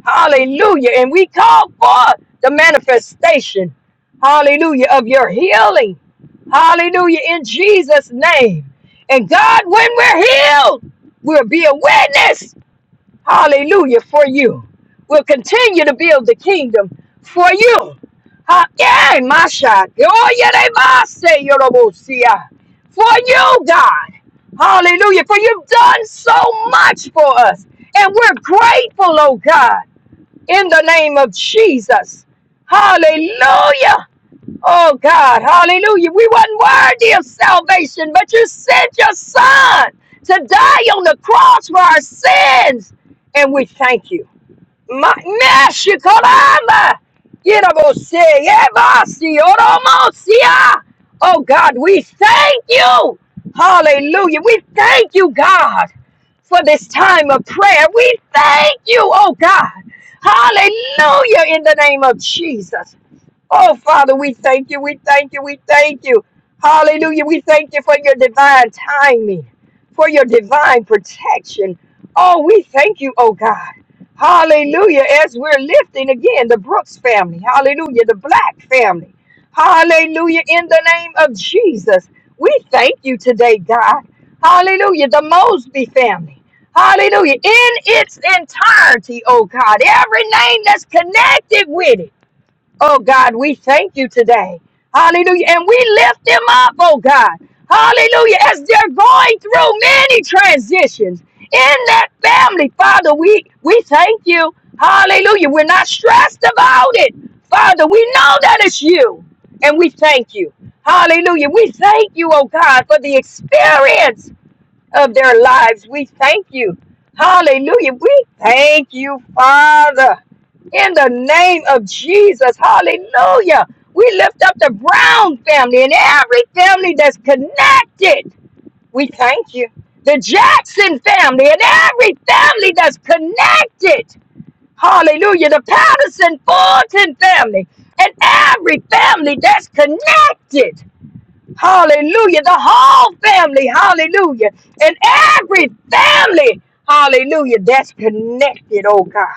[SPEAKER 3] Hallelujah. And we call for the manifestation, hallelujah, of your healing. Hallelujah, in Jesus' name. And God, when we're healed, we'll be a witness, hallelujah, for you. We'll continue to build the kingdom for you. Ha- yeah, my shot. Oh, yeah, they must say, you know, we'll see ya. For you, God. Hallelujah. For you've done so much for us. And we're grateful, oh God in the name of Jesus. Hallelujah. Oh God, hallelujah. We wasn't worthy of salvation, but you sent your son to die on the cross for our sins. And we thank you. Magnesh Kolama! Oh God, we thank you! Hallelujah. We thank you, God, for this time of prayer. We thank you, oh God. Hallelujah, in the name of Jesus. Oh, Father, we thank you. We thank you. We thank you. Hallelujah. We thank you for your divine timing, for your divine protection. Oh, we thank you, oh God. Hallelujah. As we're lifting again the Brooks family, hallelujah, the Black family. Hallelujah. In the name of Jesus, we thank you today, God. Hallelujah. The Mosby family. Hallelujah. In its entirety, oh God. Every name that's connected with it. Oh God, we thank you today. Hallelujah. And we lift them up, oh God. Hallelujah. As they're going through many transitions in that family, Father, we, we thank you. Hallelujah. We're not stressed about it. Father, we know that it's you. And we thank you. Hallelujah. We thank you, oh God, for the experience of their lives. We thank you. Hallelujah. We thank you, Father. In the name of Jesus. Hallelujah. We lift up the Brown family and every family that's connected. We thank you. The Jackson family and every family that's connected. Hallelujah. The Patterson Fulton family and every family that's connected. Hallelujah. The whole family. Hallelujah. And every family. Hallelujah. That's connected, oh God.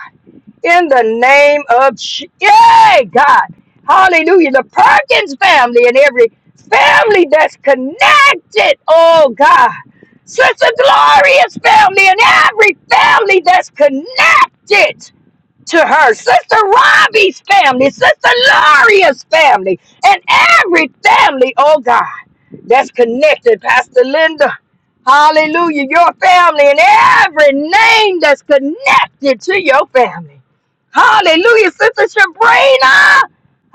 [SPEAKER 3] In the name of Je- Yay, God. Hallelujah. The Perkins family and every family that's connected, oh God. Sister Gloria's family and every family that's connected to her, Sister Robbie's family, Sister Laria's family, and every family, oh God, that's connected, Pastor Linda. Hallelujah, your family and every name that's connected to your family. Hallelujah, Sister Sabrina.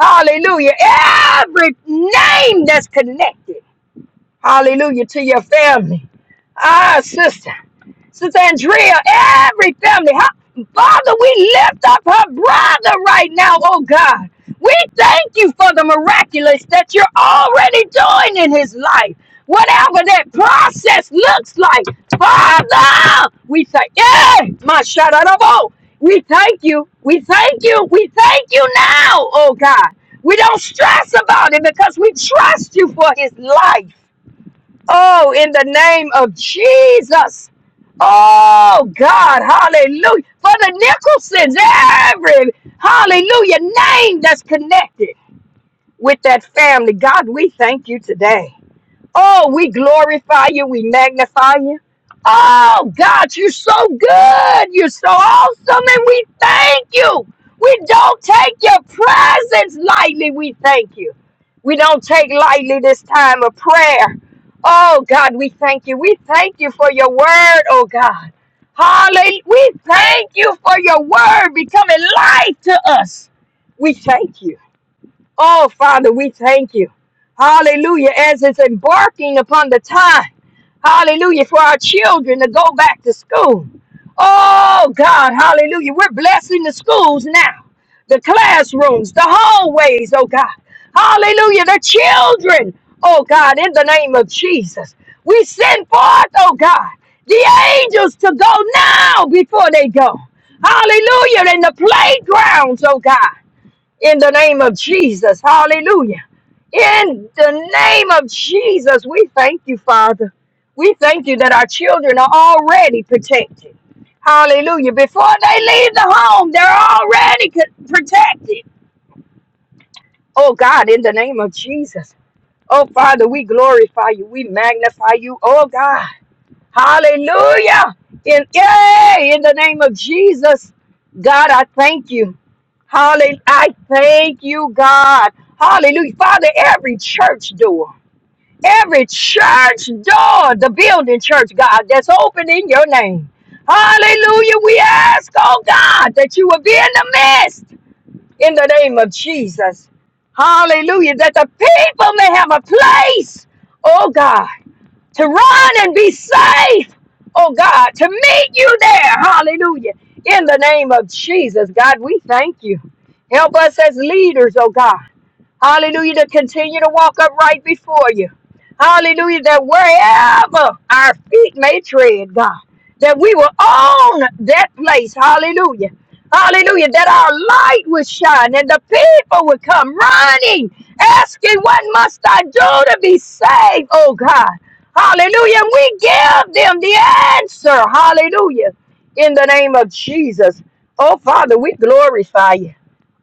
[SPEAKER 3] Hallelujah, every name that's connected. Hallelujah to your family. Ah, sister. Sister Andrea, every family. Her, Father, we lift up her brother right now, oh God. We thank you for the miraculous that you're already doing in his life. Whatever that process looks like, Father, we thank you. My shout out of all. We thank you. We thank you. We thank you now, oh God. We don't stress about it because we trust you for his life. Oh, in the name of Jesus. Oh, God. Hallelujah. For the Nicholsons, every hallelujah name that's connected with that family. God, we thank you today. Oh, we glorify you. We magnify you. Oh, God, you're so good. You're so awesome. And we thank you. We don't take your presence lightly. We thank you. We don't take lightly this time of prayer. Oh, God, we thank you. We thank you for your word, oh, God. Hallelujah. We thank you for your word becoming life to us. We thank you. Oh, Father, we thank you. Hallelujah. As it's embarking upon the time, hallelujah, for our children to go back to school. Oh, God, hallelujah. We're blessing the schools now, the classrooms, the hallways, oh, God. Hallelujah. The children, oh, God, in the name of Jesus. We send forth, oh, God, the angels to go now before they go. Hallelujah. In the playgrounds, oh, God in the name of Jesus. Hallelujah. In the name of Jesus, we thank you, Father. We thank you that our children are already protected. Hallelujah. Before they leave the home, they're already co- protected. Oh God, in the name of Jesus. Oh Father, we glorify you. We magnify you. Oh God. Hallelujah. In, yay, in the name of Jesus. God, I thank you. Hallelujah. I thank you, God. Hallelujah. Father, every church door, every church door, the building church, God, that's open in your name. Hallelujah. We ask, oh God, that you will be in the midst in the name of Jesus. Hallelujah. That the people may have a place, oh God to run and be safe, oh God, to meet you there. Hallelujah. In the name of Jesus, God, we thank you. Help us as leaders, oh God. Hallelujah. To continue to walk upright before you. Hallelujah. That wherever our feet may tread, God, that we will own that place. Hallelujah. Hallelujah. That our light will shine and the people will come running, asking, What must I do to be saved? Oh God. Hallelujah. And we give them the answer. Hallelujah. In the name of Jesus. Oh Father, we glorify you.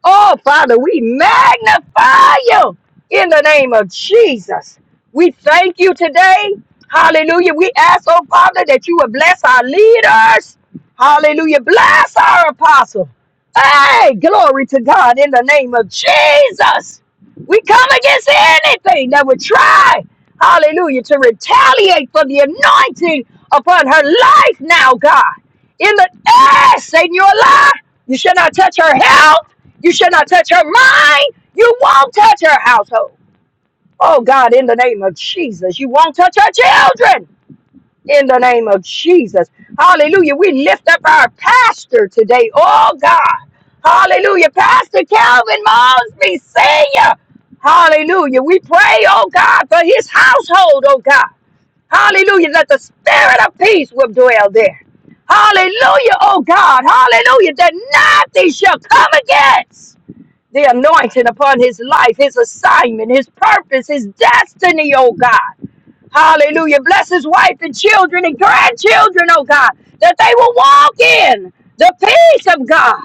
[SPEAKER 3] Oh, Father, we magnify you in the name of Jesus. We thank you today. Hallelujah. We ask, oh, Father, that you would bless our leaders. Hallelujah. Bless our apostle. Hey, glory to God in the name of Jesus. We come against anything that would try, hallelujah, to retaliate for the anointing upon her life now, God. In the ass, Satan, you're a lie. You should not touch her health. You shall not touch her mind. You won't touch her household. Oh God, in the name of Jesus, you won't touch her children. In the name of Jesus. Hallelujah. We lift up our pastor today. Oh God. Hallelujah. Pastor Calvin Mosby Sr. Hallelujah. We pray, oh God, for his household, oh God. Hallelujah. That the spirit of peace will dwell there. Hallelujah, oh God. Hallelujah. That nothing shall come against the anointing upon his life, his assignment, his purpose, his destiny, oh God. Hallelujah. Bless his wife and children and grandchildren, oh God, that they will walk in the peace of God.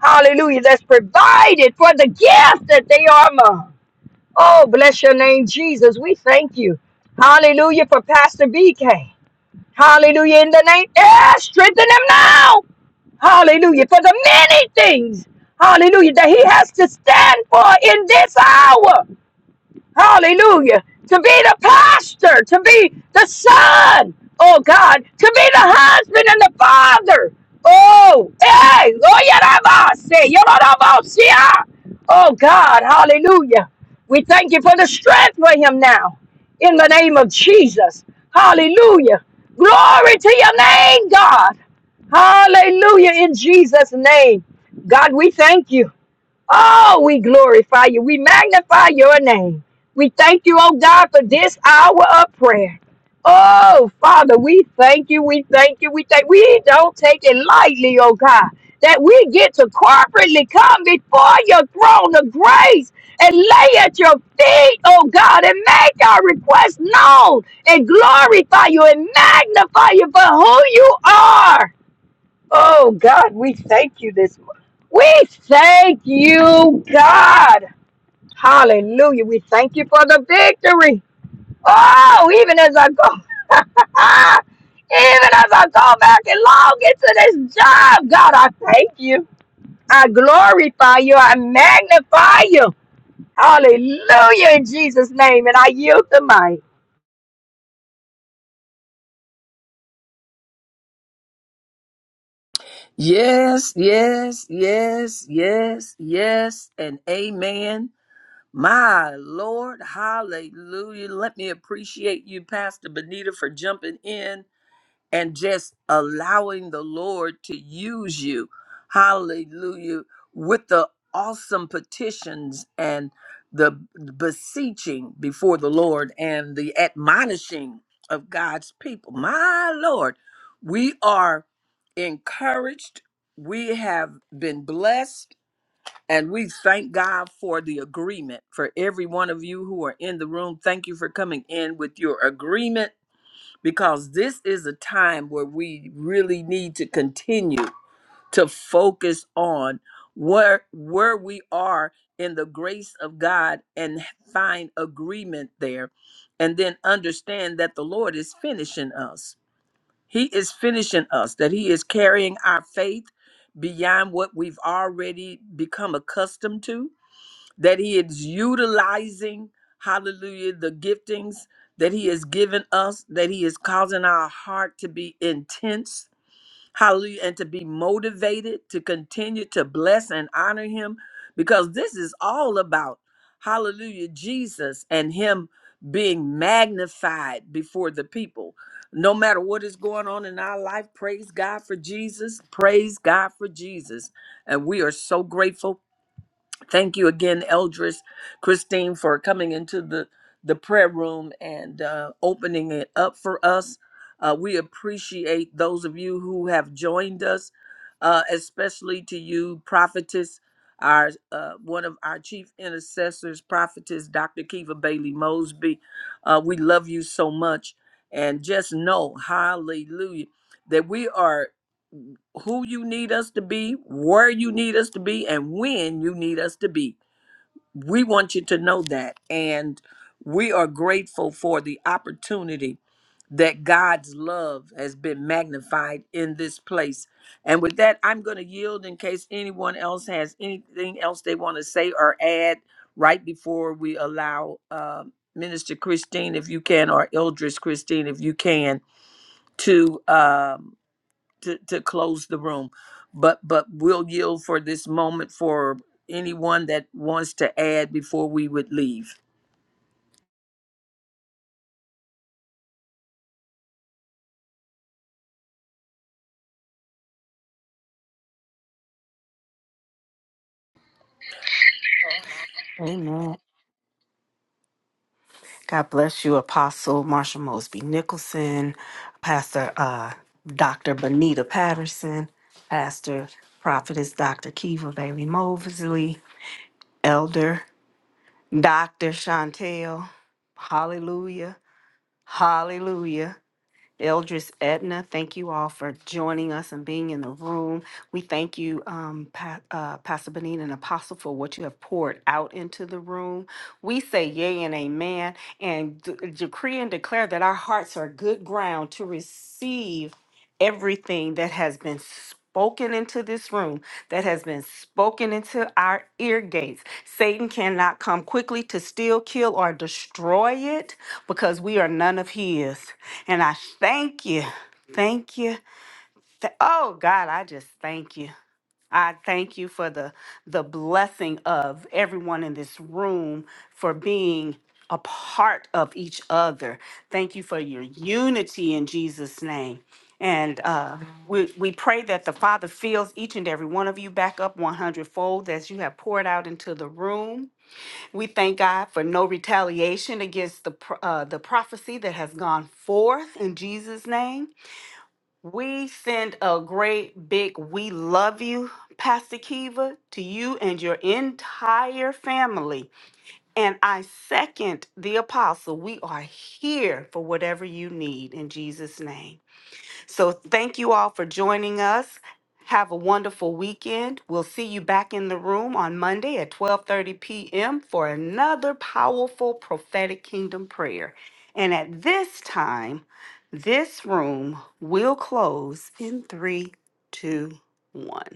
[SPEAKER 3] Hallelujah. That's provided for the gift that they are among. Oh, bless your name, Jesus. We thank you. Hallelujah for Pastor BK. Hallelujah in the name. Yeah, strengthen them now. Hallelujah. For the many things, hallelujah, that he has to stand for in this hour. Hallelujah. To be the pastor, to be the son, oh God, to be the husband and the father. Oh, hey, oh, yarabase, yarabasia. oh God, hallelujah. We thank you for the strength for him now in the name of Jesus. Hallelujah. Glory to your name, God. Hallelujah in Jesus' name. God, we thank you. Oh, we glorify you. We magnify your name. We thank you, oh God, for this hour of prayer. Oh, Father, we thank you. We thank you. We thank we don't take it lightly, oh God, that we get to corporately come before your throne of grace and lay at your feet, oh God, and make our request known and glorify you and magnify you for who you are. Oh God, we thank you this morning. We thank you, God. Hallelujah. We thank you for the victory. Oh, even as I go, even as I go back and log into this job, God, I thank you. I glorify you. I magnify you. Hallelujah in Jesus' name. And I yield the mic.
[SPEAKER 2] Yes, yes, yes, yes, yes, and amen. My Lord, hallelujah. Let me appreciate you, Pastor Benita, for jumping in and just allowing the Lord to use you. Hallelujah. With the awesome petitions and the beseeching before the Lord and the admonishing of God's people. My Lord, we are encouraged. We have been blessed. And we thank God for the agreement for every one of you who are in the room. Thank you for coming in with your agreement because this is a time where we really need to continue to focus on where where we are in the grace of God and find agreement there and then understand that the Lord is finishing us. He is finishing us that he is carrying our faith beyond what we've already become accustomed to that he is utilizing, hallelujah, the giftings that he has given us, that he is causing our heart to be intense, hallelujah, and to be motivated to continue to bless and honor him because this is all about, hallelujah, Jesus and him being magnified before the people. No matter what is going on in our life, praise God for Jesus. Praise God for Jesus. And we are so grateful Thank you again, Eldris, Christine, for coming into the, the prayer room and uh, opening it up for us. Uh, we appreciate those of you who have joined us, uh, especially to you, prophetess, our uh, one of our chief intercessors, prophetess Dr. Kiva Bailey Mosby. Uh, we love you so much, and just know, hallelujah, that we are who you need us to be, where you need us to be, and when you need us to be. We want you to know that. And we are grateful for the opportunity that God's love has been magnified in this place. And with that, I'm going to yield in case anyone else has anything else they want to say or add right before we allow uh, Minister Christine, if you can, or Eldris Christine, if you can, to. um, to, to close the room, but but we'll yield for this moment for anyone that wants to add before we would leave.
[SPEAKER 1] God bless you, Apostle Marsha Mosby Nicholson, Pastor uh, Dr. Benita Patterson, Pastor Prophetess Dr. Kiva Bailey Mosley, Elder Dr. Chantel. Hallelujah. Hallelujah. Eldris Edna, thank you all for joining us and being in the room. We thank you, um, pa- uh, Pastor Benita and Apostle, for what you have poured out into the room. We say yay and amen and d- decree and declare that our hearts are good ground to receive everything that has been spoken into this room, that has been spoken into our ear gates. Satan cannot come quickly to steal, kill, or destroy it because we are none of his. And I thank you. Thank you. Th- oh God, I just thank you. I thank you for the the blessing of everyone in this room for being a part of each other. Thank you for your unity in Jesus name. And uh, we, we pray that the Father fills each and every one of you back up 100 fold as you have poured out into the room. We thank God for no retaliation against the pro- uh, the prophecy that has gone forth in Jesus' name. We send a great big "We love you," Pastor Kiva, to you and your entire family. And I second the apostle. We are here for whatever you need in Jesus' name. So thank you all for joining us. Have a wonderful weekend. We'll see you back in the room on Monday at 12:30 p.m. for another powerful prophetic kingdom prayer. And at this time, this room will close in three, two, one.